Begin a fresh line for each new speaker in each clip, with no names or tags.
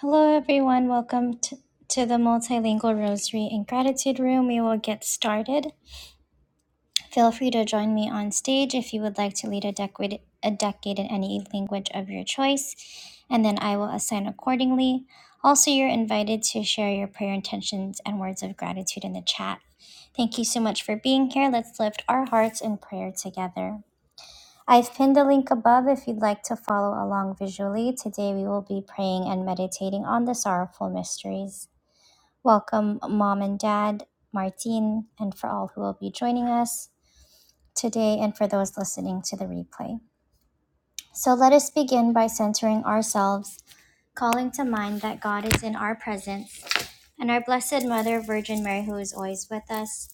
Hello, everyone. Welcome to, to the Multilingual Rosary and Gratitude Room. We will get started. Feel free to join me on stage if you would like to lead a decade, a decade in any language of your choice, and then I will assign accordingly. Also, you're invited to share your prayer intentions and words of gratitude in the chat. Thank you so much for being here. Let's lift our hearts in prayer together. I've pinned the link above if you'd like to follow along visually. Today we will be praying and meditating on the sorrowful mysteries. Welcome, Mom and Dad, Martin, and for all who will be joining us today and for those listening to the replay. So let us begin by centering ourselves, calling to mind that God is in our presence and our Blessed Mother, Virgin Mary, who is always with us,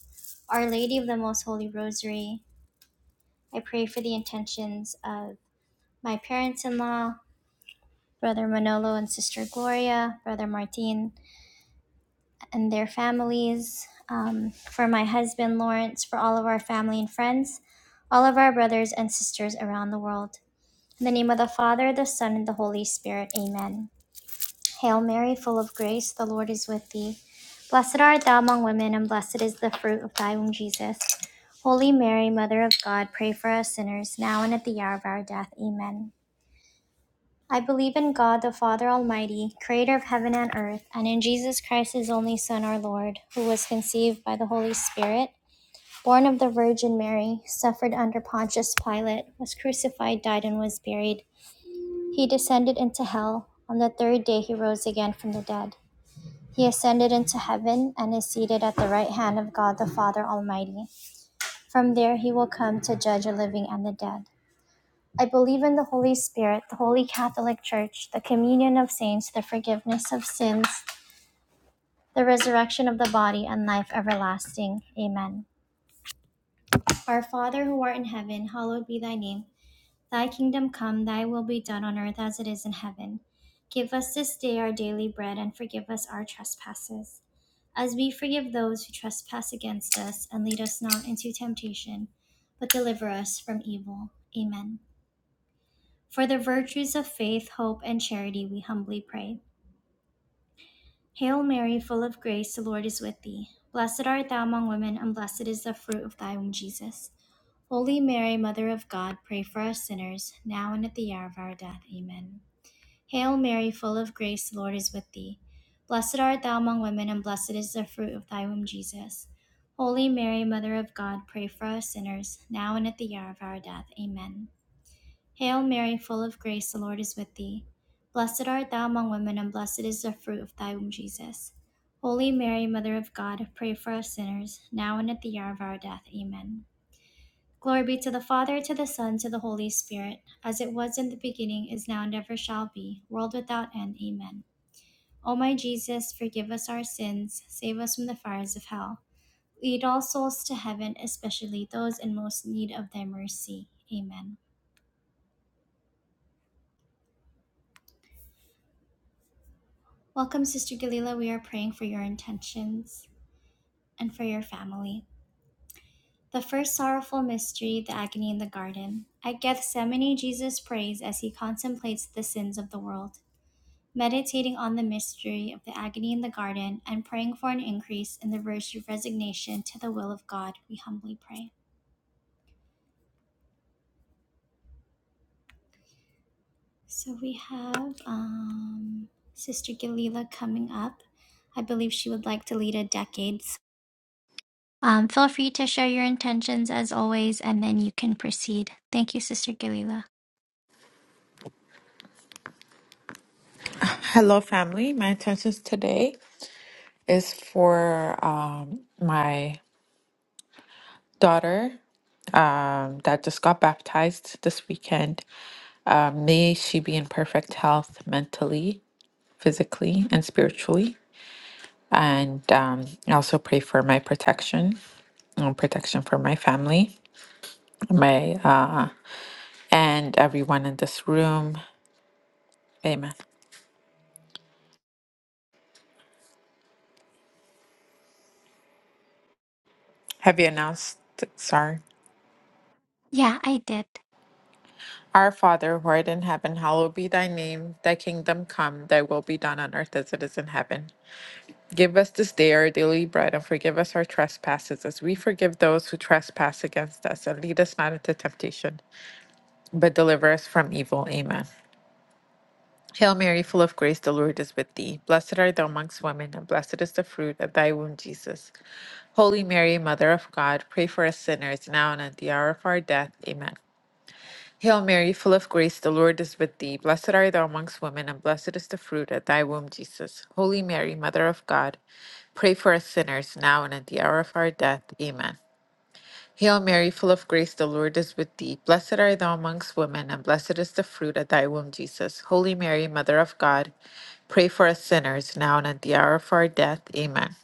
Our Lady of the Most Holy Rosary. I pray for the intentions of my parents in law Brother Manolo and Sister Gloria, Brother Martin and their families, um, for my husband Lawrence, for all of our family and friends, all of our brothers and sisters around the world. In the name of the Father, the Son, and the Holy Spirit, amen. Hail Mary, full of grace, the Lord is with thee. Blessed art thou among women, and blessed is the fruit of thy womb, Jesus. Holy Mary, Mother of God, pray for us sinners, now and at the hour of our death. Amen. I believe in God the Father Almighty, creator of heaven and earth, and in Jesus Christ, his only Son, our Lord, who was conceived by the Holy Spirit, born of the Virgin Mary, suffered under Pontius Pilate, was crucified, died, and was buried. He descended into hell. On the third day, he rose again from the dead. He ascended into heaven and is seated at the right hand of God the Father Almighty. From there, he will come to judge the living and the dead. I believe in the Holy Spirit, the Holy Catholic Church, the communion of saints, the forgiveness of sins, the resurrection of the body, and life everlasting. Amen. Our Father who art in heaven, hallowed be thy name. Thy kingdom come, thy will be done on earth as it is in heaven. Give us this day our daily bread, and forgive us our trespasses, as we forgive those who trespass against us, and lead us not into temptation, but deliver us from evil. Amen. For the virtues of faith, hope, and charity, we humbly pray. Hail Mary, full of grace, the Lord is with thee. Blessed art thou among women, and blessed is the fruit of thy womb, Jesus. Holy Mary, Mother of God, pray for us sinners, now and at the hour of our death. Amen. Hail Mary, full of grace, the Lord is with thee. Blessed art thou among women, and blessed is the fruit of thy womb, Jesus. Holy Mary, Mother of God, pray for us sinners, now and at the hour of our death. Amen. Hail Mary, full of grace, the Lord is with thee. Blessed art thou among women, and blessed is the fruit of thy womb, Jesus. Holy Mary, Mother of God, pray for us sinners, now and at the hour of our death. Amen. Glory be to the Father, to the Son, to the Holy Spirit, as it was in the beginning, is now, and ever shall be, world without end. Amen. O my Jesus, forgive us our sins, save us from the fires of hell. Lead all souls to heaven, especially those in most need of thy mercy. Amen. Welcome, Sister Galila. We are praying for your intentions and for your family. The first sorrowful mystery, the agony in the garden. At Gethsemane, Jesus prays as he contemplates the sins of the world. Meditating on the mystery of the agony in the garden and praying for an increase in the virtue of resignation to the will of God, we humbly pray. So we have um, Sister Galila coming up. I believe she would like to lead a decades Um, feel free to share your intentions as always, and then you can proceed. Thank you, Sister Galila.
Hello, family. My intentions today is for um, my daughter um, that just got baptized this weekend. Um, may she be in perfect health mentally, physically, and spiritually. And um, I also pray for my protection and protection for my family, my uh, and everyone in this room. Amen. Have you announced? Sorry.
Yeah, I did.
Our Father, who art in heaven, hallowed be thy name. Thy kingdom come, thy will be done on earth as it is in heaven. Give us this day our daily bread, and forgive us our trespasses, as we forgive those who trespass against us. And lead us not into temptation, but deliver us from evil. Amen. Hail Mary, full of grace, the Lord is with thee. Blessed art thou amongst women, and blessed is the fruit of thy womb, Jesus. Holy Mary, Mother of God, pray for us sinners, now and at the hour of our death. Amen. Hail Mary, full of grace, the Lord is with thee. Blessed art thou amongst women, and blessed is the fruit of thy womb, Jesus. Holy Mary, Mother of God, pray for us sinners, now and at the hour of our death. Amen. Hail Mary, full of grace, the Lord is with thee. Blessed art thou amongst women, and blessed is the fruit of thy womb, Jesus. Holy Mary, Mother of God, pray for us sinners, now and at the hour of our death. Amen.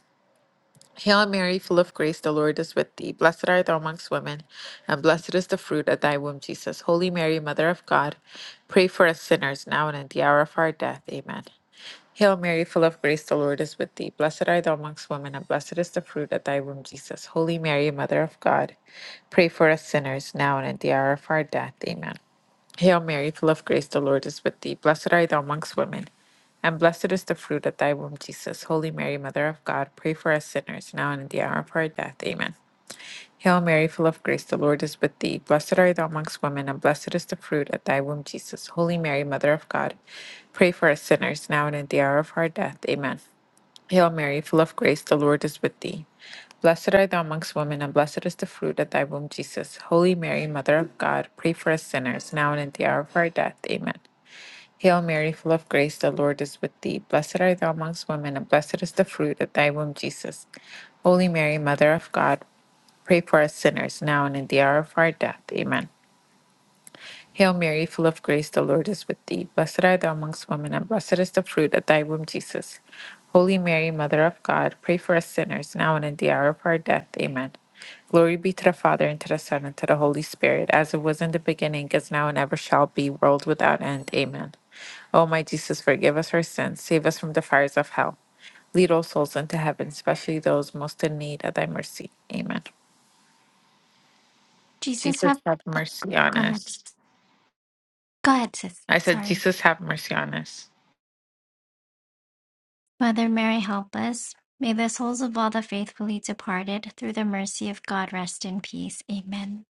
Hail Mary, full of grace, the Lord is with thee. Blessed art thou amongst women, and blessed is the fruit of thy womb, Jesus. Holy Mary, Mother of God, pray for us sinners now and at the hour of our death. Amen. Hail Mary, full of grace, the Lord is with thee. Blessed art thou amongst women, and blessed is the fruit of thy womb, Jesus. Holy Mary, Mother of God, pray for us sinners now and at the hour of our death. Amen. Hail Mary, full of grace, the Lord is with thee. Blessed art thou amongst women and blessed is the fruit of thy womb, Jesus. Holy Mary, Mother of God, pray for us sinners, now and at the hour of our death. Amen. Hail Mary, full of grace, the Lord is with thee. Blessed art thou amongst women, and blessed is the fruit of thy womb, Jesus. Holy Mary, Mother of God, pray for us sinners, now and at the hour of our death. Amen. Hail Mary, full of grace, the Lord is with thee. Blessed art thou amongst women, and blessed is the fruit of thy womb, Jesus. Holy Mary, Mother of God, pray for us sinners, now and at the hour of our death. Amen. Hail Mary, full of grace, the Lord is with thee. Blessed art thou amongst women, and blessed is the fruit of thy womb, Jesus. Holy Mary, Mother of God, pray for us sinners, now and in the hour of our death. Amen. Hail Mary, full of grace, the Lord is with thee. Blessed art thou amongst women, and blessed is the fruit of thy womb, Jesus. Holy Mary, Mother of God, pray for us sinners, now and in the hour of our death. Amen. Glory be to the Father, and to the Son, and to the Holy Spirit, as it was in the beginning, is now, and ever shall be, world without end. Amen. O my Jesus, forgive us our sins, save us from the fires of hell. Lead all souls into heaven, especially those most in need of thy mercy. Amen.
Jesus help.
Jesus, have
Oh,
mercy on
go ahead.
us.
Go ahead, sis.
I said,
Sorry.
Jesus, have mercy on us.
Mother Mary, help us. May the souls of all the faithfully departed, through the mercy of God, rest in peace. Amen.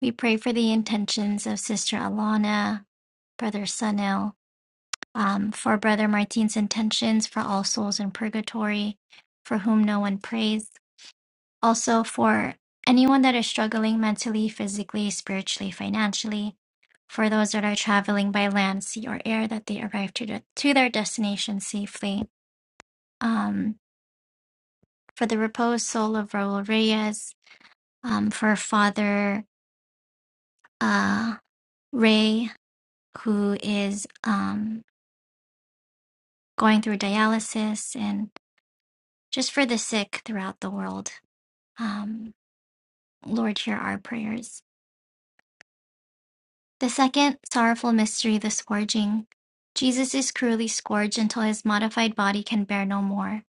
We pray for the intentions of Sister Alana, Brother Sunil, um, for Brother Martin's intentions for all souls in purgatory, for whom no one prays also for anyone that is struggling mentally, physically, spiritually, financially, for those that are traveling by land, sea, or air, that they arrive to, the, to their destination safely. Um, for the reposed soul of Raul Reyes, um, for Father uh, Ray, who is um, going through dialysis, and just for the sick throughout the world. Um, Lord, hear our prayers. The second sorrowful mystery, the scourging. Jesus is cruelly scourged until his modified body can bear no more.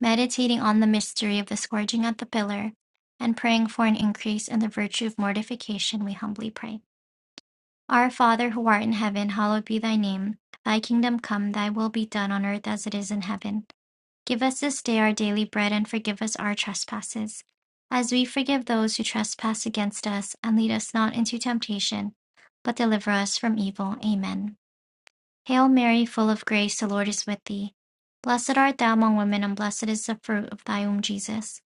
Meditating on the mystery of the scourging at the pillar and praying for an increase in the virtue of mortification, we humbly pray. Our Father who art in heaven, hallowed be thy name. Thy kingdom come, thy will be done on earth as it is in heaven. Give us this day our daily bread and forgive us our trespasses, as we forgive those who trespass against us, and lead us not into temptation, but deliver us from evil. Amen. Hail Mary, full of grace, the Lord is with thee. Blessed art thou among women, and blessed is the fruit of thy womb, Jesus.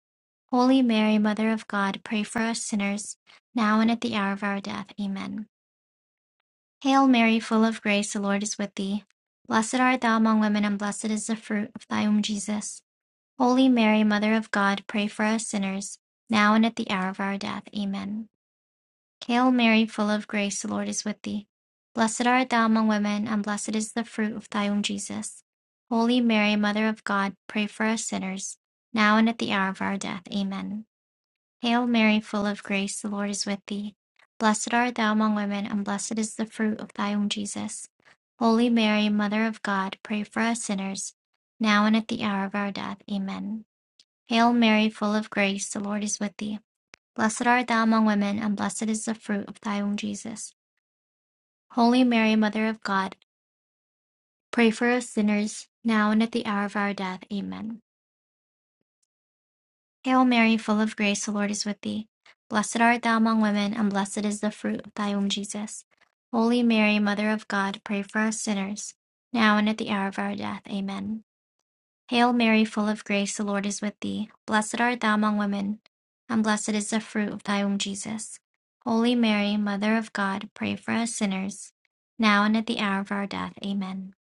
Holy Mary, Mother of God, pray for us sinners, now and at the hour of our death. Amen. Hail Mary, full of grace, the Lord is with thee. Blessed art thou among women, and blessed is the fruit of thy womb, Jesus. Holy Mary, Mother of God, pray for us sinners, now and at the hour of our death. Amen. Hail Mary, full of grace, the Lord is with thee. Blessed art thou among women, and blessed is the fruit of thy womb, Jesus. Holy Mary, Mother of God, pray for us sinners, now and at the hour of our death. Amen. Hail Mary, full of grace, the Lord is with thee. Blessed art thou among women, and blessed is the fruit of thy womb, Jesus. Holy Mary, Mother of God, pray for us sinners, now and at the hour of our death. Amen. Hail Mary, full of grace, the Lord is with thee. Blessed art thou among women, and blessed is the fruit of thy womb, Jesus. Holy Mary, Mother of God, pray for us sinners, now and at the hour of our death. Amen. Hail Mary, full of grace, the Lord is with thee. Blessed art thou among women, and blessed is the fruit of thy womb, Jesus. Holy Mary, Mother of God, pray for us sinners, now and at the hour of our death. Amen. Hail Mary, full of grace, the Lord is with thee. Blessed art thou among women, and blessed is the fruit of thy womb, Jesus. Holy Mary, Mother of God, pray for us sinners, now and at the hour of our death. Amen.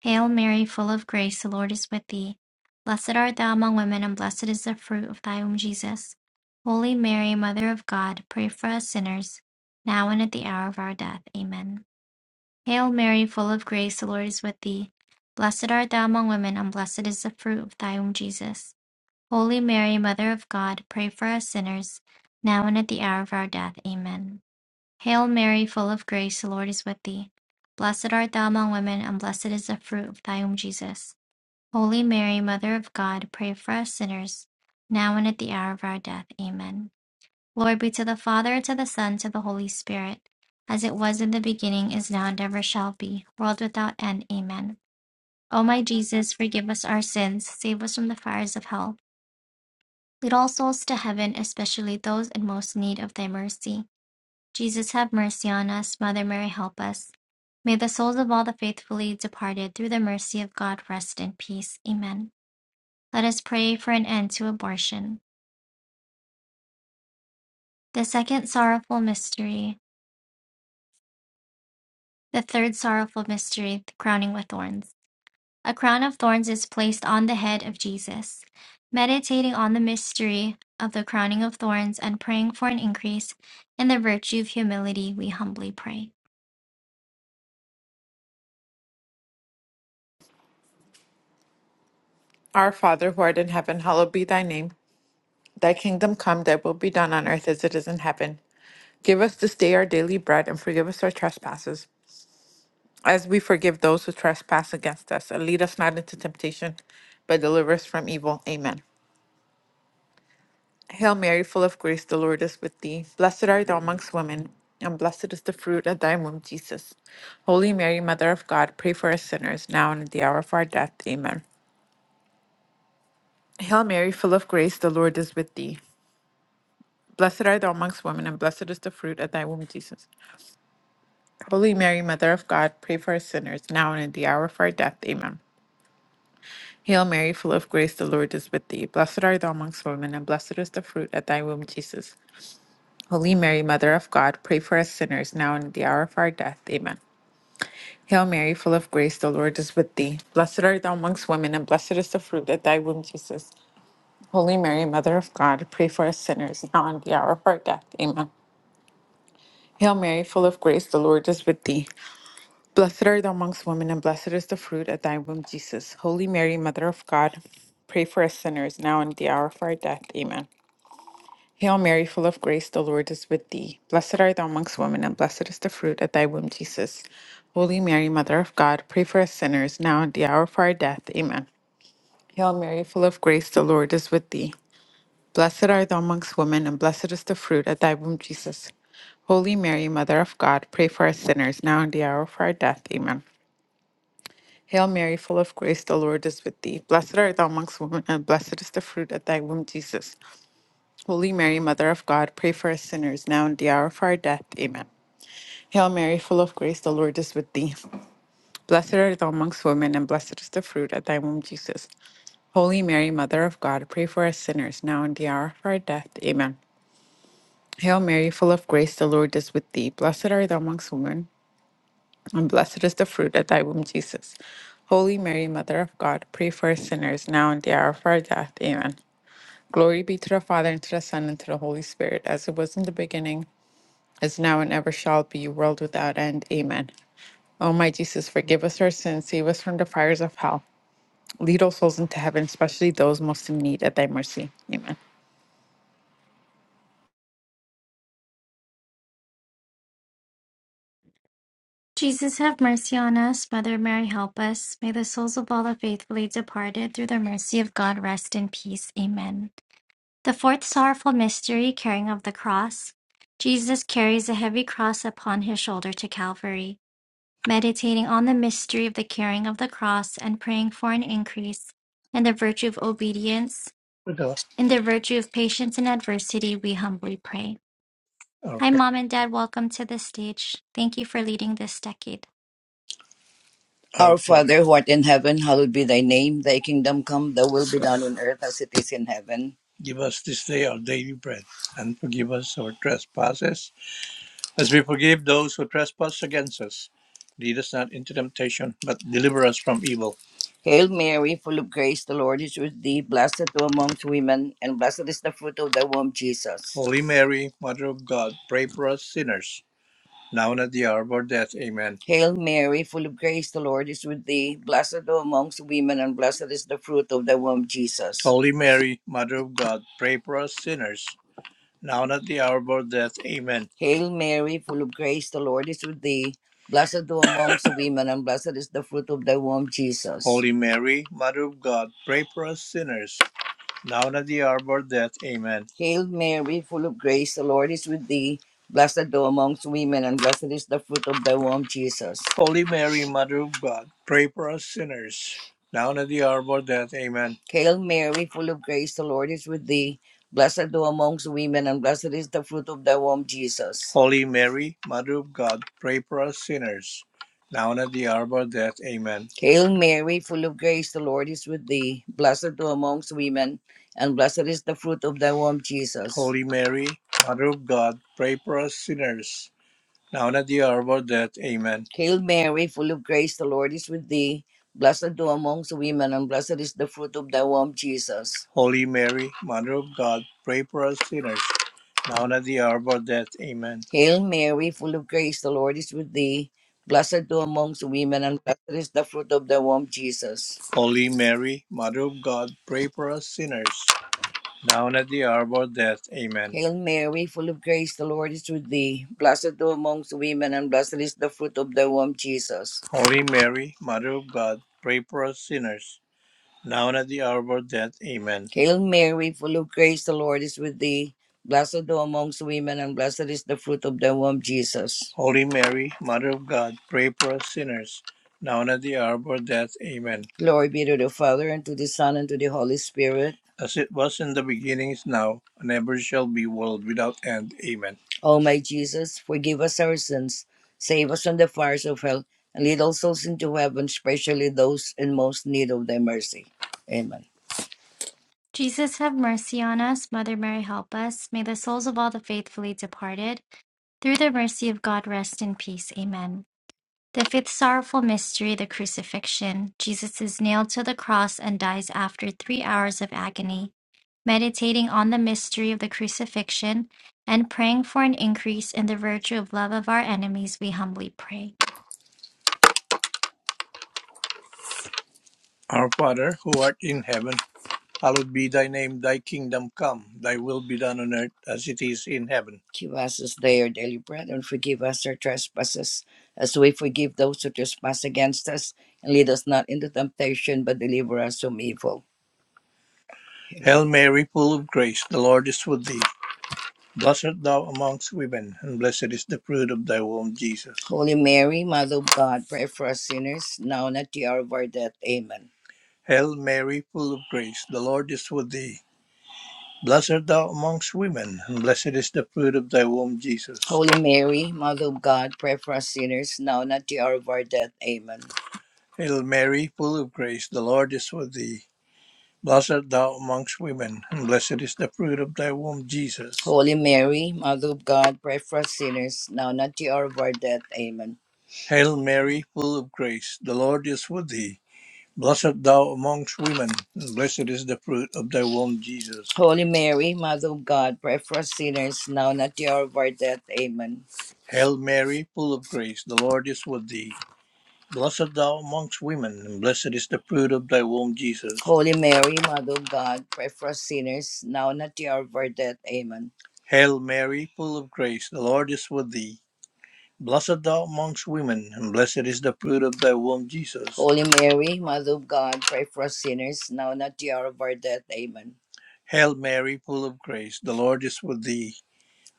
Hail Mary, full of grace, the Lord is with thee. Blessed art thou among women, and blessed is the fruit of thy womb, Jesus. Holy Mary, Mother of God, pray for us sinners, now and at the hour of our death. Amen. Hail Mary, full of grace, the Lord is with thee. Blessed art thou among women, and blessed is the fruit of thy womb, Jesus. Holy Mary, Mother of God, pray for us sinners, now and at the hour of our death. Amen. Hail Mary, full of grace, the Lord is with thee. Blessed art thou among women, and blessed is the fruit of thy womb, Jesus. Holy Mary, Mother of God, pray for us sinners, now and at the hour of our death. Amen. Glory be to the Father, and to the Son, and to the Holy Spirit, as it was in the beginning, is now, and ever shall be, world without end. Amen. O my Jesus, forgive us our sins, save us from the fires of hell. Lead all souls to heaven, especially those in most need of thy mercy. Jesus, have mercy on us. Mother Mary, help us. May the souls of all the faithfully departed, through the mercy of God, rest in peace. Amen. Let us pray for an end to abortion. The second sorrowful mystery. The third sorrowful mystery, the crowning with thorns. A crown of thorns is placed on the head of Jesus. Meditating on the mystery of the crowning of thorns and praying for an increase in the virtue of humility, we humbly pray.
Our Father, who art in heaven, hallowed be thy name. Thy kingdom come, thy will be done on earth as it is in heaven. Give us this day our daily bread, and forgive us our trespasses, as we forgive those who trespass against us. And lead us not into temptation, but deliver us from evil. Amen. Hail Mary, full of grace, the Lord is with thee. Blessed art thou amongst women, and blessed is the fruit of thy womb, Jesus. Holy Mary, Mother of God, pray for us sinners, now and at the hour of our death. Amen. Hail Mary, full of grace, the Lord is with thee. Blessed art thou amongst women, and blessed is the fruit of thy womb, Jesus. Holy Mary, Mother of God, pray for us sinners, now and at the hour of our death. Amen. Hail Mary, full of grace, the Lord is with thee. Blessed art thou amongst women, and blessed is the fruit of thy womb, Jesus. Holy Mary, Mother of God, pray for us sinners now and at the hour of our death. Amen. Hail Mary, full of grace, the Lord is with thee. Blessed art thou amongst women, and blessed is the fruit of thy womb, Jesus. Holy Mary, Mother of God, pray for us sinners now and at the hour of our death. Amen. Hail Mary, full of grace, the Lord is with thee. Blessed art thou amongst women, and blessed is the fruit of thy womb, Jesus. Holy Mary, Mother of God, pray for us sinners now and at the hour of our death. Amen. Hail Mary, full of grace, the Lord is with thee. Blessed art thou amongst women, and blessed is the fruit of thy womb, Jesus. Holy Mary, Mother of God, pray for us sinners, now and at the hour of our death. Amen. Hail Mary, full of grace, the Lord is with thee. Blessed art thou amongst women, and blessed is the fruit of thy womb, Jesus. Holy Mary, Mother of God, pray for us sinners, now and at the hour of our death. Amen. Hail Mary, full of grace, the Lord is with thee. Blessed art thou amongst women, and blessed is the fruit of thy womb, Jesus. Holy Mary, Mother of God, pray for us sinners now and at the hour of our death. Amen. Hail Mary, full of grace, the Lord is with thee. Blessed art thou amongst women, and blessed is the fruit of thy womb, Jesus. Holy Mary, Mother of God, pray for us sinners now and at the hour of our death. Amen. Hail Mary, full of grace, the Lord is with thee. Blessed art thou amongst women, and blessed is the fruit of thy womb, Jesus. Holy Mary, Mother of God, pray for us sinners now and at the hour of our death. Amen. Glory be to the Father, and to the Son, and to the Holy Spirit, as it was in the beginning as now and ever shall be, world without end. Amen. O my Jesus, forgive us our sins, save us from the fires of hell. Lead all souls into heaven, especially those most in need at thy mercy. Amen.
Jesus, have mercy on us. Mother Mary, help us. May the souls of all the faithfully departed, through the mercy of God, rest in peace. Amen. The fourth sorrowful mystery, carrying of the cross. Jesus carries a heavy cross upon his shoulder to Calvary. meditating on the mystery of the carrying of the cross and praying for an increase in the virtue of obedience,
our,
in the virtue of patience in adversity, we humbly pray.
our
Hi,
Father
Mom and Dad, welcome to the stage. Thank you for leading this decade.
who art Father who art in heaven, hallowed be thy name. Thy kingdom come, thy will be done on earth as it is in heaven. Give us this day our daily bread, and forgive us our trespasses, as we forgive those who trespass against us. Lead us not into temptation, but deliver us from evil. Hail Mary, full of grace, the Lord is with thee. Blessed thou amongst women, and blessed is the fruit of thy womb, Jesus. Holy Mary, Mother of God, pray for us sinners. now and at the hour of our death. Amen. Hail Mary, full of grace, the Lord is with thee. Blessed are thou amongst women, and blessed is the fruit of thy womb, Jesus. Holy Mary, Mother of God, pray for us sinners, now and at the hour of our death. Amen. Hail Mary, full of grace, the Lord is with thee. Blessed thou amongst women, and blessed is the fruit of thy womb, Jesus. Holy Mary, Mother of God, pray for us sinners, now and at the hour of death. Amen. Hail Mary, full of grace, the Lord is with thee. Blessed thou amongst women, and blessed is the fruit of thy womb, Jesus. Holy Mary, Mother of God, pray for us sinners, now and at the hour of our death. Amen. Hail Mary, full of grace, the Lord is with thee. Blessed thou amongst women, and blessed is the fruit of thy womb, Jesus. Holy Mary, Mother of God, pray for us sinners, now and at the hour of our death. Amen. Hail Mary, full of grace, the Lord is with thee. Blessed thou amongst women and blessed is the fruit of thy womb, Jesus. Holy Mary, Mother of God, pray for us sinners, now and at the hour of our death. Amen. Hail Mary, full of grace, the Lord is with thee. Blessed thou amongst women, and blessed is the fruit of thy womb, Jesus. Holy Mary, Mother of God, pray for us sinners, now and at the hour of our death. Amen. Hail Mary, full of grace, the Lord is with thee. Blessed thou amongst women, and blessed is the fruit of thy womb, Jesus. Holy Mary, Mother of God, pray for us sinners, down at the hour of death. Amen. Hail Mary, full of grace, the Lord is with thee. Blessed thou amongst women, and blessed is the fruit of thy womb, Jesus. Holy Mary, Mother of God, pray for us sinners, now and at the hour of our death. Amen. Hail Mary, full of grace, the Lord is with thee. Blessed thou amongst women, and blessed is the fruit of thy womb, Jesus. Holy Mary, Mother of God, pray for us sinners, now and at the hour of our death. Amen. Glory be to the Father, and to the Son, and to the Holy Spirit. As it was in the beginning, is now, and ever shall be, world without end. Amen. O my Jesus, forgive us our sins, save us from the fires of hell, and lead all souls into heaven, especially those in most need of thy mercy. Amen.
Jesus, have mercy on us. Mother Mary, help us. May the souls of all the faithfully departed, through the mercy of God, rest in peace. Amen. The fifth sorrowful mystery, the crucifixion. Jesus is nailed to the cross and dies after three hours of agony. Meditating on the mystery of the crucifixion and praying for an increase in the virtue of love of our enemies, we humbly pray.
Our Father, who art in heaven, hallowed be thy name, thy kingdom come, thy will be done on earth as it is in heaven. Give us this day our daily bread, and forgive us our trespasses, as we forgive those who trespass against us. And lead us not into temptation, but deliver us from evil. Amen. Hail Mary, full of grace, the Lord is with thee. Blessed art thou amongst women, and blessed is the fruit of thy womb, Jesus. Holy Mary, Mother of God, pray for us sinners, now and at the hour of our death. Amen. Hail Mary, full of grace, the Lord is with thee. Blessed art thou amongst women, and blessed is the fruit of thy womb, Jesus. Holy Mary, Mother of God, pray for us sinners now and at the hour of our death. Amen. Hail Mary, full of grace, the Lord is with thee. Blessed art thou amongst women, and blessed is the fruit of thy womb, Jesus. Holy Mary, Mother of God, pray for us sinners now and at the hour of our death. Amen. Hail Mary, full of grace, the Lord is with thee. Blessed thou amongst women, and blessed is the fruit of thy womb, Jesus. Holy Mary, Mother of God, pray for us sinners now and at the hour of our death. Amen. Hail Mary, full of grace, the Lord is with thee. Blessed thou amongst women, and blessed is the fruit of thy womb, Jesus. Holy Mary, Mother of God, pray for us sinners now and at the hour of our death. Amen. Hail Mary, full of grace, the Lord is with thee. Blessed thou amongst women, and blessed is the fruit of thy womb, Jesus. Holy Mary, Mother of God, pray for us sinners, now and at the hour of our death. Amen. Hail Mary, full of grace, the Lord is with thee.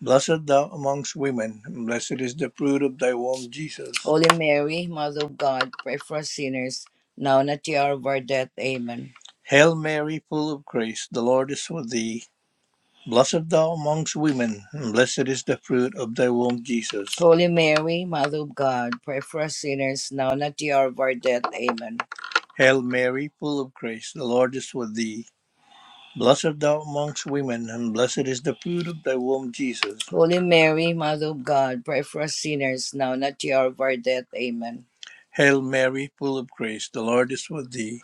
Blessed thou amongst women, and blessed is the fruit of thy womb, Jesus. Holy Mary, Mother of God, pray for us sinners, now and at the hour of our death. Amen. Hail Mary, full of grace, the Lord is with thee. Blessed thou amongst women, and blessed is the fruit of thy womb, Jesus. Holy Mary, Mother of God, pray for us sinners now and at the hour of our death. Amen. Hail Mary, full of grace, the Lord is with thee. Blessed thou amongst women, and blessed is the fruit of thy womb, Jesus. Holy Mary, Mother of God, pray for us sinners now and at the hour of our death. Amen. Hail Mary, full of grace, the Lord is with thee.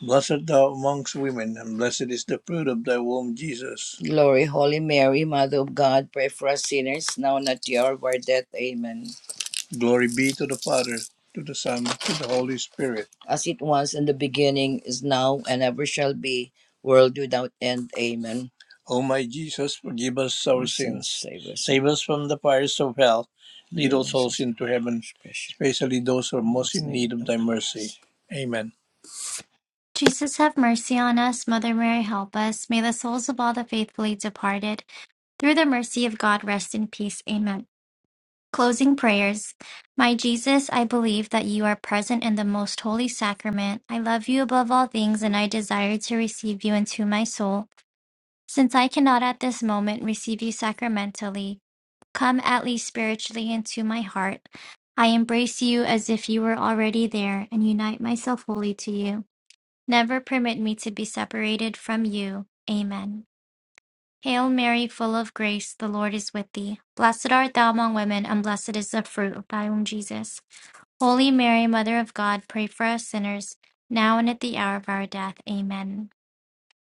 Blessed thou amongst women, and blessed is the fruit of thy womb, Jesus. Glory, Holy Mary, Mother of God, pray for us sinners, now and at the hour of our death. Amen. Glory be to the Father, to the Son, to the Holy Spirit. As it was in the beginning, is now, and ever shall be, world without end. Amen. O my Jesus, forgive us our sins sins. save us. Save us from the fires of hell. Lead all souls into heaven, especially those who are most in need of thy mercy. Amen.
Jesus, have mercy on us. Mother Mary, help us. May the souls of all the faithfully departed, through the mercy of God, rest in peace. Amen. Closing prayers. My Jesus, I believe that you are present in the most holy sacrament. I love you above all things, and I desire to receive you into my soul. Since I cannot at this moment receive you sacramentally, come at least spiritually into my heart. I embrace you as if you were already there and unite myself wholly to you. Never permit me to be separated from you. Amen. Hail Mary, full of grace, the Lord is with thee. Blessed art thou among women, and blessed is the fruit of thy womb, Jesus. Holy Mary, Mother of God, pray for us sinners, now and at the hour of our death. Amen.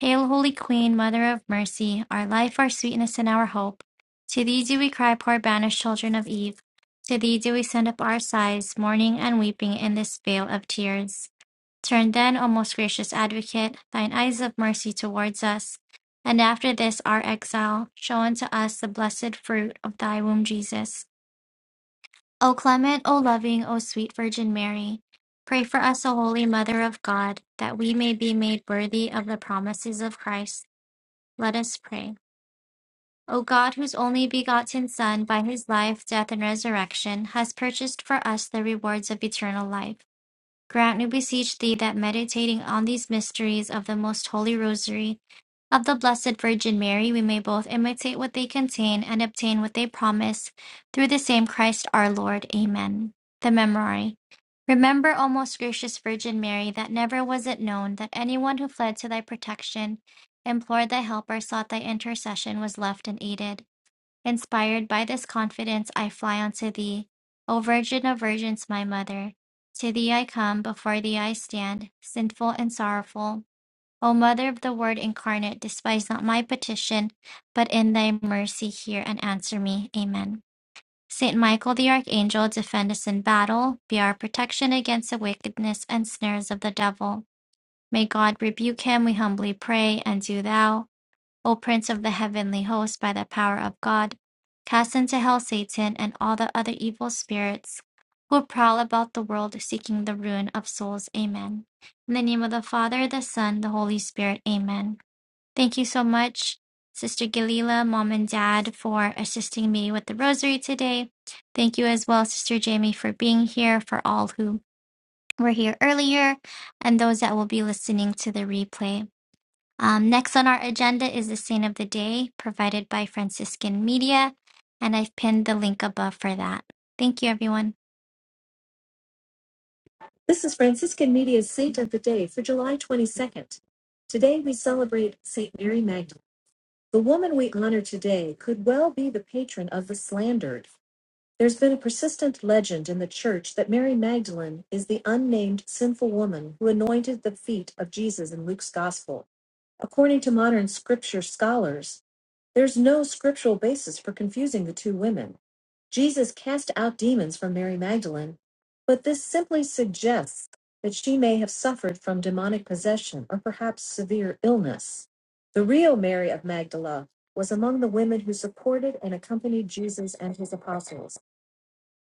Hail, Holy Queen, Mother of Mercy, our life, our sweetness, and our hope. To thee do we cry, poor banished children of Eve. To thee do we send up our sighs, mourning and weeping in this vale of tears. Turn then, O most gracious Advocate, thine eyes of mercy towards us, and after this our exile, show unto us the blessed fruit of thy womb, Jesus. O clement, O loving, O sweet Virgin Mary, pray for us, O holy Mother of God, that we may be made worthy of the promises of Christ. Let us pray. O God, whose only begotten Son, by his life, death, and resurrection, has purchased for us the rewards of eternal life. Grant, we beseech thee, that meditating on these mysteries of the most holy Rosary of the Blessed Virgin Mary, we may both imitate what they contain and obtain what they promise, through the same Christ our Lord. Amen. The Memorare. Remember, O most gracious Virgin Mary, that never was it known that anyone who fled to thy protection, implored thy help, or sought thy intercession was left unaided. Inspired by this confidence I fly unto thee, O Virgin of Virgins, my Mother. To thee I come, before thee I stand, sinful and sorrowful. O Mother of the Word incarnate, despise not my petition, but in thy mercy hear and answer me. Amen. Saint Michael the Archangel, defend us in battle, be our protection against the wickedness and snares of the devil. May God rebuke him, we humbly pray, and do thou. O Prince of the heavenly host, by the power of God, cast into hell Satan and all the other evil spirits who prowl about the world seeking the ruin of souls. Amen. In the name of the Father, the Son, the Holy Spirit. Amen. Thank you so much, Sister Galila, Mom and Dad, for assisting me with the rosary today. Thank you as well, Sister Jamie, for being here, for all who were here earlier, and those that will be listening to the replay. Um, next on our agenda is the Saint of the Day provided by Franciscan Media, and I've pinned the link above for that. Thank you, everyone. This is Franciscan Media's Saint of the Day for July 22nd. Today we celebrate Saint Mary Magdalene. The woman we honor today could well be the patron of the slandered. There's been a persistent legend in the church that Mary Magdalene is the unnamed sinful woman who anointed the feet of Jesus in Luke's gospel. According to modern scripture scholars, there's no scriptural basis for confusing the two women. Jesus cast out demons from Mary Magdalene, but this simply suggests that she may have suffered from demonic possession or perhaps severe illness. The real Mary of Magdala was among the women who supported and accompanied Jesus and his apostles.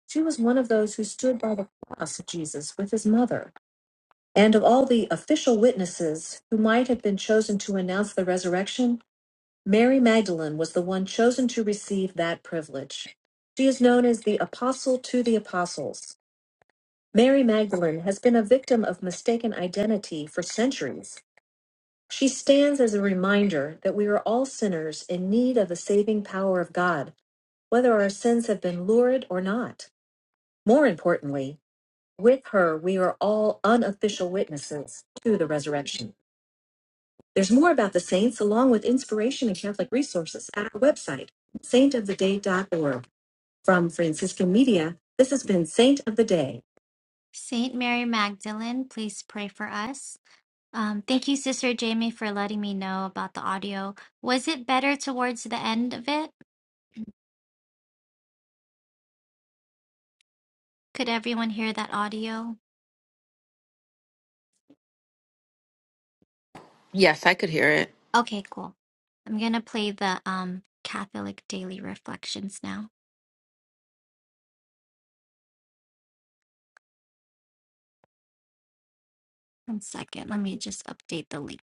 She was one of those who stood by the cross of Jesus with his mother. And of all the official witnesses who might have been chosen to announce the resurrection, Mary Magdalene was the one chosen to receive that privilege. She is known as the Apostle to the Apostles. Mary Magdalene has been a victim of mistaken identity for centuries. She stands as a reminder that we are all sinners in need of the saving power of God, whether our sins have been lurid or not. More importantly, With her, we are all unofficial witnesses to the resurrection. There's more about the saints, along with inspiration and Catholic resources, at our website, saintoftheday.org. From Franciscan Media, this has been Saint of the Day. Saint Mary Magdalene, please pray for us. Um, thank you, Sister Jamie, for letting me know about the audio. Was it better towards the end of it? Could everyone hear that audio?
Yes, I could hear it.
Okay, cool. I'm gonna play the um, Catholic daily reflections now. One second. Let me just update the link.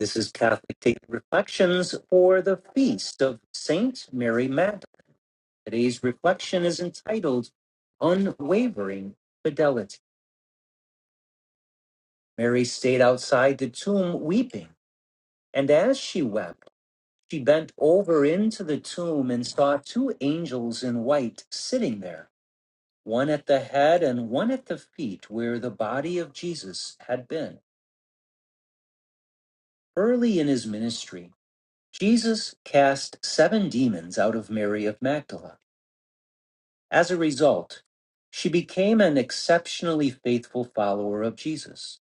This is Catholic Daily Reflections for the Feast of Saint Mary Magdalene. Today's reflection is entitled Unwavering Fidelity. Mary stayed outside the tomb weeping, and as she wept, she bent over into the tomb and saw two angels in white sitting there, one at the head and one at the feet where the body of Jesus had been. Early in his ministry, Jesus cast seven demons out of Mary of Magdala. As a result, she became an exceptionally faithful follower of Jesus.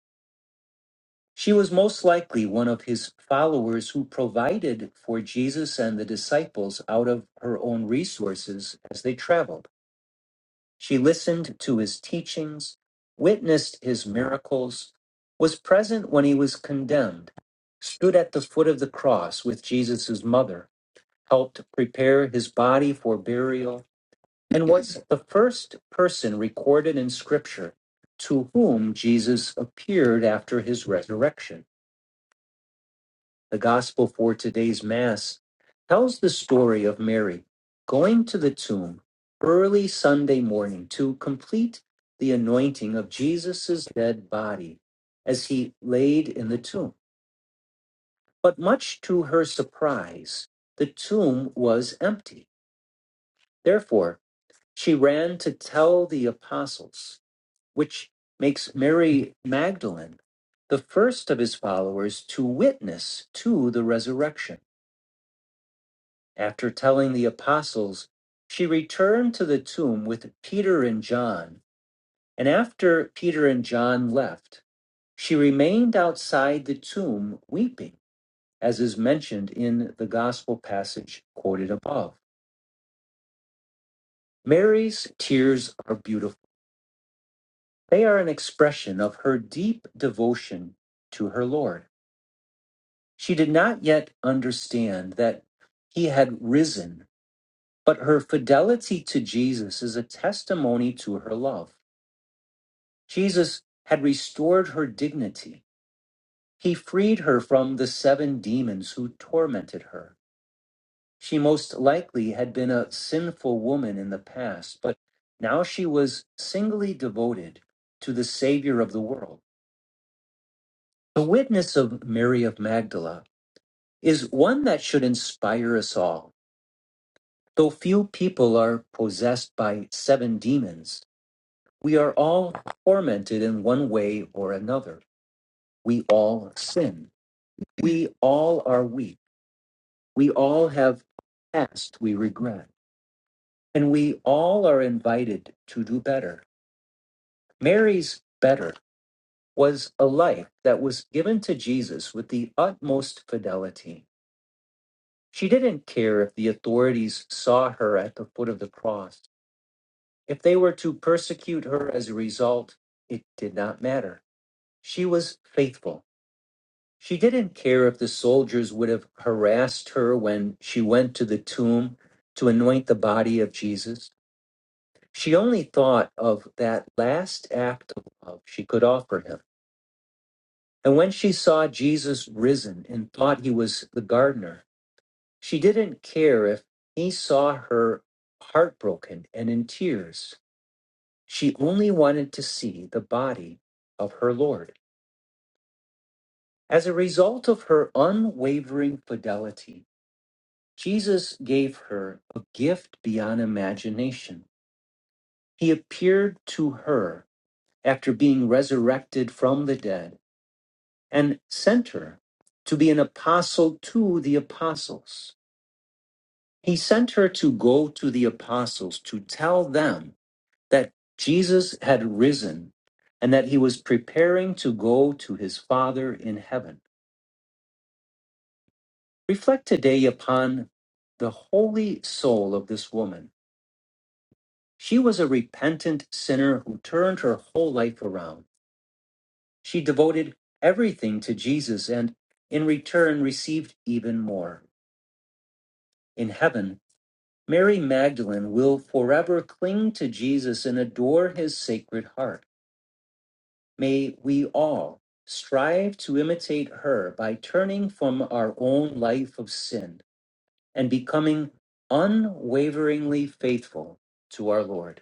She was most likely one of his followers who provided for Jesus and the disciples out of her own resources as they traveled. She listened to his teachings, witnessed his miracles, was present when he was condemned, stood at the foot of the cross with Jesus' mother, helped prepare his body for burial and was the first person recorded in Scripture to whom Jesus appeared after his resurrection. The gospel for today's Mass tells the story of Mary going to the tomb early Sunday morning to complete the anointing of Jesus' dead body as he laid in the tomb. But much to her surprise, the tomb was empty. Therefore, She ran to tell the apostles, which makes Mary Magdalene the first of his followers to witness to the resurrection. After telling the apostles, she returned to the tomb with Peter and John. And after Peter and John left, she remained outside the tomb weeping, as is mentioned in the gospel passage quoted above. Mary's tears are beautiful They are an expression of her deep devotion to her Lord. She did not yet understand that he had risen, but her fidelity to Jesus is a testimony to her love. Jesus had restored her dignity. He freed her from the seven demons who tormented her. She most likely had been a sinful woman in the past, but now she was singly devoted to the Savior of the world. The witness of Mary of Magdala is one that should inspire us all. Though few people are possessed by seven demons, we are all tormented in one way or another. We all sin. We all are weak. We all have past we regret. And we all are invited to do better. Mary's better was a life that was given to Jesus with the utmost fidelity. She didn't care if the authorities saw her at the foot of the cross. If they were to persecute her as a result, it did not matter. She was faithful. She didn't care if the soldiers would have harassed her when she went to the tomb to anoint the body of Jesus. She only thought of that last act of love she could offer him. And when she saw Jesus risen and thought he was the gardener, She didn't care if he saw her heartbroken and in tears. She only wanted to see the body of her Lord. As a result of her unwavering fidelity, Jesus gave her a gift beyond imagination. He appeared to her after being resurrected from the dead and sent her to be an apostle to the apostles. He sent her to go to the apostles to tell them that Jesus had risen and that he was preparing to go to his Father in heaven. Reflect today upon the holy soul of this woman. She was a repentant sinner who turned her whole life around. She devoted everything to Jesus and in return received even more. In heaven, Mary Magdalene will forever cling to Jesus and adore his sacred heart. May we all strive to imitate her by turning from our own life of sin and becoming unwaveringly faithful to our Lord.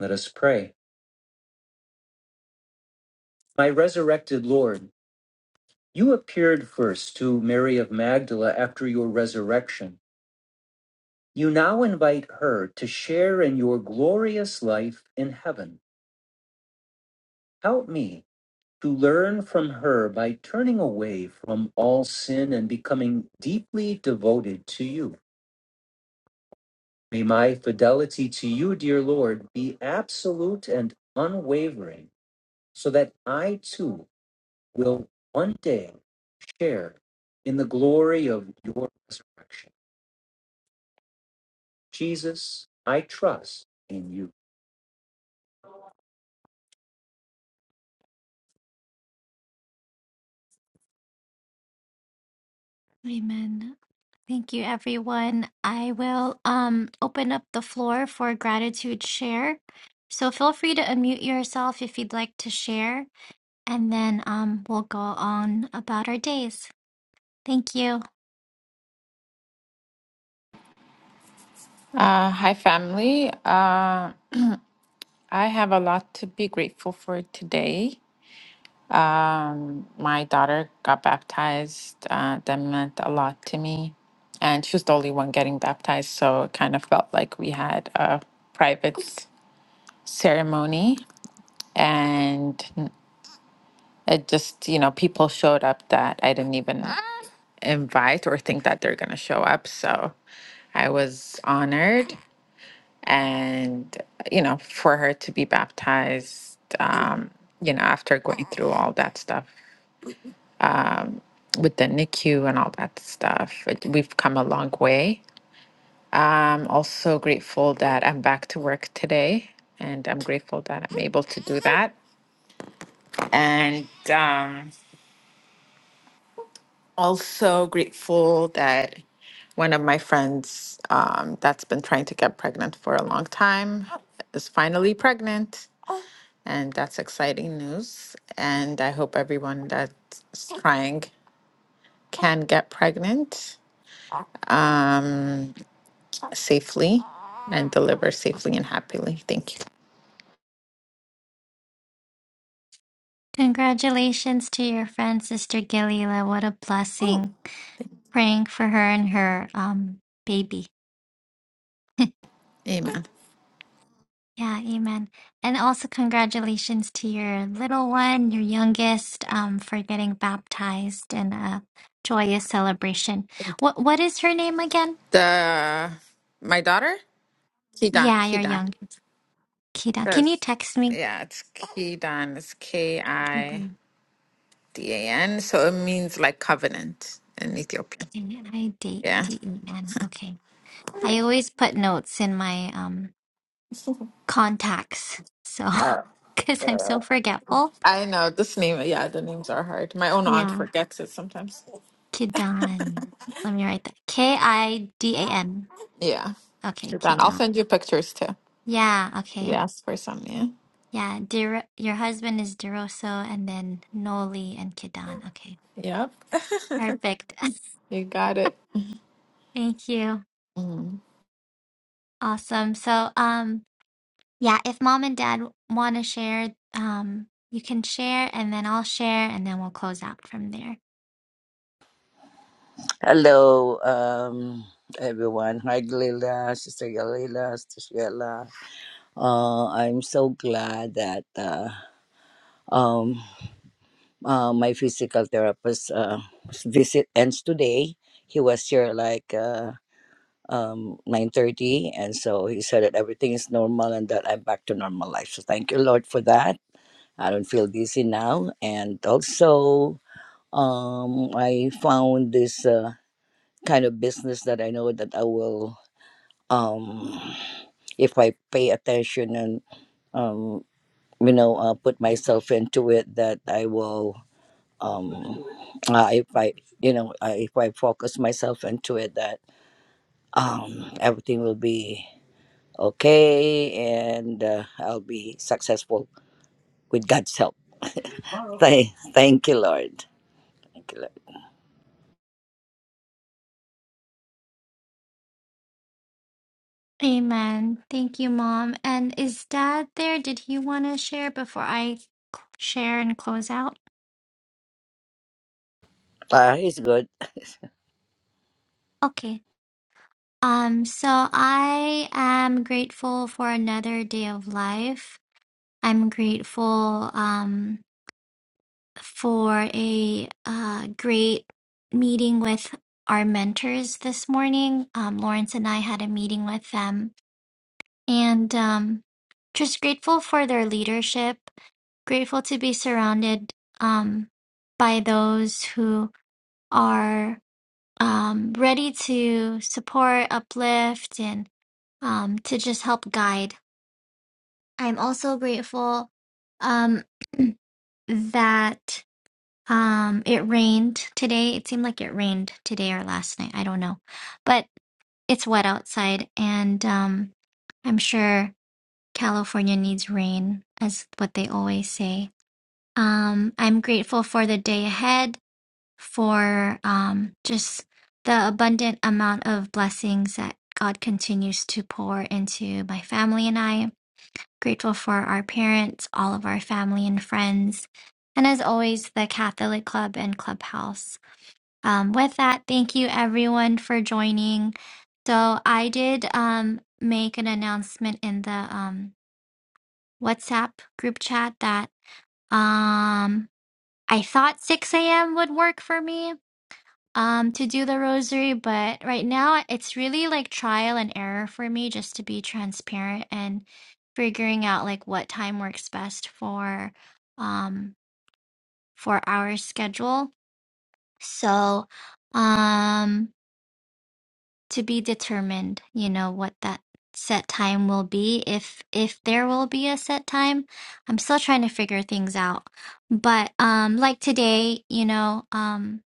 Let us pray. My resurrected Lord, you appeared first to Mary of Magdala after your resurrection. You now invite her to share in your glorious life in heaven. Help me to learn from her by turning away from all sin and becoming deeply devoted to you. May my fidelity to you, dear Lord, be absolute and unwavering, so that I too will one day share in the glory of your resurrection. Jesus, I trust in you. Amen. Thank you, everyone. I will um, open up the floor for gratitude share. So feel free to unmute yourself if you'd like to share, and then um, we'll go on about our days. Thank you.
Uh, hi, family. Uh, I have a lot to be grateful for today. Um, my daughter got baptized. Uh, that meant a lot to me. And she was the only one getting baptized. So it kind of felt like we had a private ceremony. And It just, you know, people showed up that I didn't even invite or think that they're going to show up. So I was honored. And, you know, for her to be baptized, um, you know, after going through all that stuff with the NICU and all that stuff, it, we've come a long way. I'm also grateful that I'm back to work today. And I'm grateful that I'm able to do that. And, um, also grateful that one of my friends um, that's been trying to get pregnant for a long time is finally pregnant. And that's exciting news. And I hope everyone that's trying can get pregnant um, safely and deliver safely and happily. Thank you.
Congratulations to your friend, Sister Galila. What a blessing. Praying for her and her um, baby.
Amen.
Yeah, amen. And also congratulations to your little one, your youngest, um, for getting baptized in a joyous celebration. What what is her name again?
The my daughter Kidan
Yeah, your
Kidan
youngest. Kida. Can you
says,
text me?
yeah, it's Kidan. It's K I.
Kiden.
D A N. So it means like covenant in Ethiopian.
Can I date
Yeah.
D E N? Okay. I always put notes in my um contacts. So
Uh,
because I'm
uh,
so forgetful.
I know this name. Yeah, the names are hard. My own aunt
Yeah.
forgets it sometimes.
Kidan. Let me write that. K E I D A N.
Yeah.
Okay,
you I'll
Kidan.
send you pictures too.
Yeah, okay.
Yes, for some.
Yeah, Dir your husband is Deroso and then Noli and Kidan. Okay.
Yeah. Yep.
Perfect.
you got it.
Thank you.
Mm-hmm.
Awesome. So, um yeah, if mom and dad want to share, um you can share and then I'll share and then we'll close out from there.
Hello, um, everyone. Hi, Glila, Sister Galila, Sister Sheila. Uh, I'm so glad that uh, um, uh, my physical therapist uh, visit ends today. He was here like uh, um, 9.30, and so he said that everything is normal and that I'm back to normal life. So thank you, Lord, for that. I don't feel dizzy now. And also, um, I found this uh, kind of business that I know that I will um if i pay attention and um you know uh, put myself into it that i will um uh, if i you know I, if i focus myself into it that um everything will be okay and uh, i'll be successful with god's help thank, thank you lord thank you lord
Amen. Thank you, mom. And is dad there? Did he want to share before I c- share and close out?
uh, he's good
Okay. Um so I am grateful for another day of life. I'm grateful um, for a uh, great meeting with our mentors this morning. Um, Lawrence and I had a meeting with them, and um, just grateful for their leadership. Grateful to be surrounded um, by those who are um, ready to support, uplift, and um, to just help guide. I'm also grateful um, that. Um, it rained today. It seemed like it rained today or last night. I don't know. But it's wet outside, and um, I'm sure California needs rain, as what they always say. Um, I'm grateful for the day ahead, for um, just the abundant amount of blessings that God continues to pour into my family and I grateful for our parents, all of our family and friends, and as always, the Catholic Club and Clubhouse. Um, with that, thank you everyone for joining. So I did um, make an announcement in the um, WhatsApp group chat that um, I thought 6 a.m. would work for me, um to do the rosary, but right now it's really like trial and error for me just to be transparent and figuring out like what time works best for um for our schedule. So, um to be determined, you know, what that set time will be if if there will be a set time. I'm still trying to figure things out. But um like today, you know, um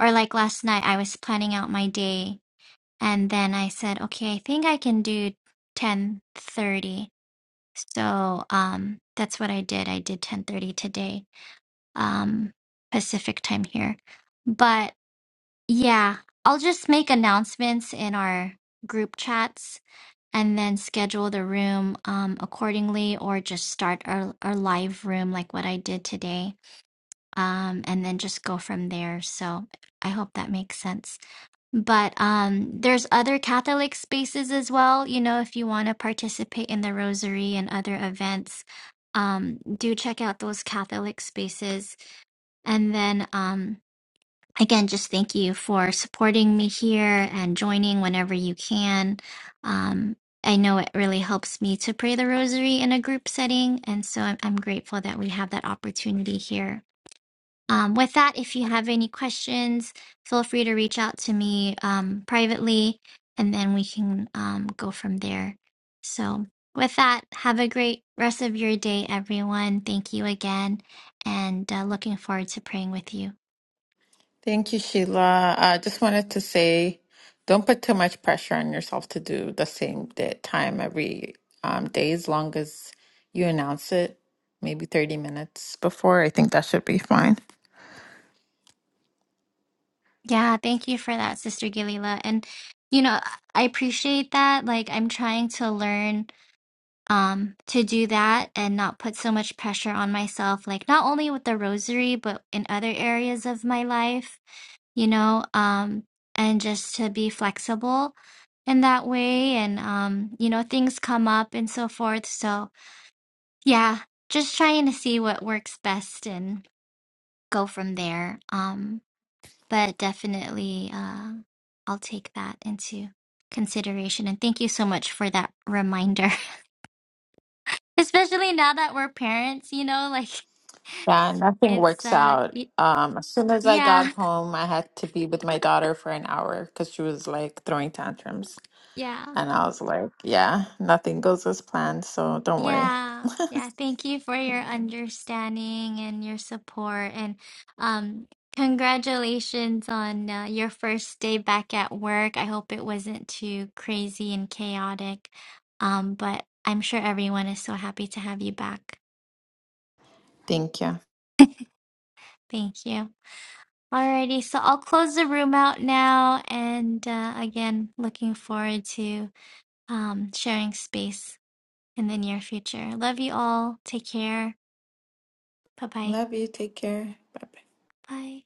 or like last night I was planning out my day And then I said, okay, I think I can do 10:30. So um, that's what I did. I did 10:30 today, um, Pacific time here. But yeah, I'll just make announcements in our group chats and then schedule the room um, accordingly or just start our, our live room like what I did today um, and then just go from there. So I hope that makes sense. But um, there's other Catholic spaces as well. You know, if you want to participate in the Rosary and other events, um, do check out those Catholic spaces. And then um, again, just thank you for supporting me here and joining whenever you can. Um, I know it really helps me to pray the Rosary in a group setting, and so I'm, I'm grateful that we have that opportunity here. Um, with that, if you have any questions, feel free to reach out to me um, privately, and then we can um, go from there. So, with that, have a great rest of your day, everyone. Thank you again, and uh, looking forward to praying with you.
Thank you, Sheila. I just wanted to say, don't put too much pressure on yourself to do the same day, time every um, day, as long as you announce it, maybe 30 minutes before. I think that should be fine.
Yeah, thank you for that, Sister Galila. And, you know, I appreciate that. Like, I'm trying to learn um to do that and not put so much pressure on myself like not only with the rosary but in other areas of my life you know um and just to be flexible in that way and um you know things come up and so forth so yeah just trying to see what works best and go from there um but definitely uh I'll take that into consideration and thank you so much for that reminder Especially now that we're parents, you know, like
Yeah, nothing
it's
works
uh
out.
y-
Um, as soon as I got
yeah,
home, I had to be with my daughter for an hour because she was like throwing tantrums.
yeah.
And I was like, yeah, nothing goes as planned, so don't worry.
Yeah. Yeah, thank you for your
Yeah.
understanding and your support and um congratulations on uh, your first day back at work. I hope it wasn't too crazy and chaotic. Um but I'm sure everyone is so happy to have you back.
Thank you.
Thank you. Alrighty, so I'll close the room out now and uh, again, looking forward to um, sharing space in the near future. Love you all. Take care. Bye-bye.
Love you. Take care. Bye bye.
Bye.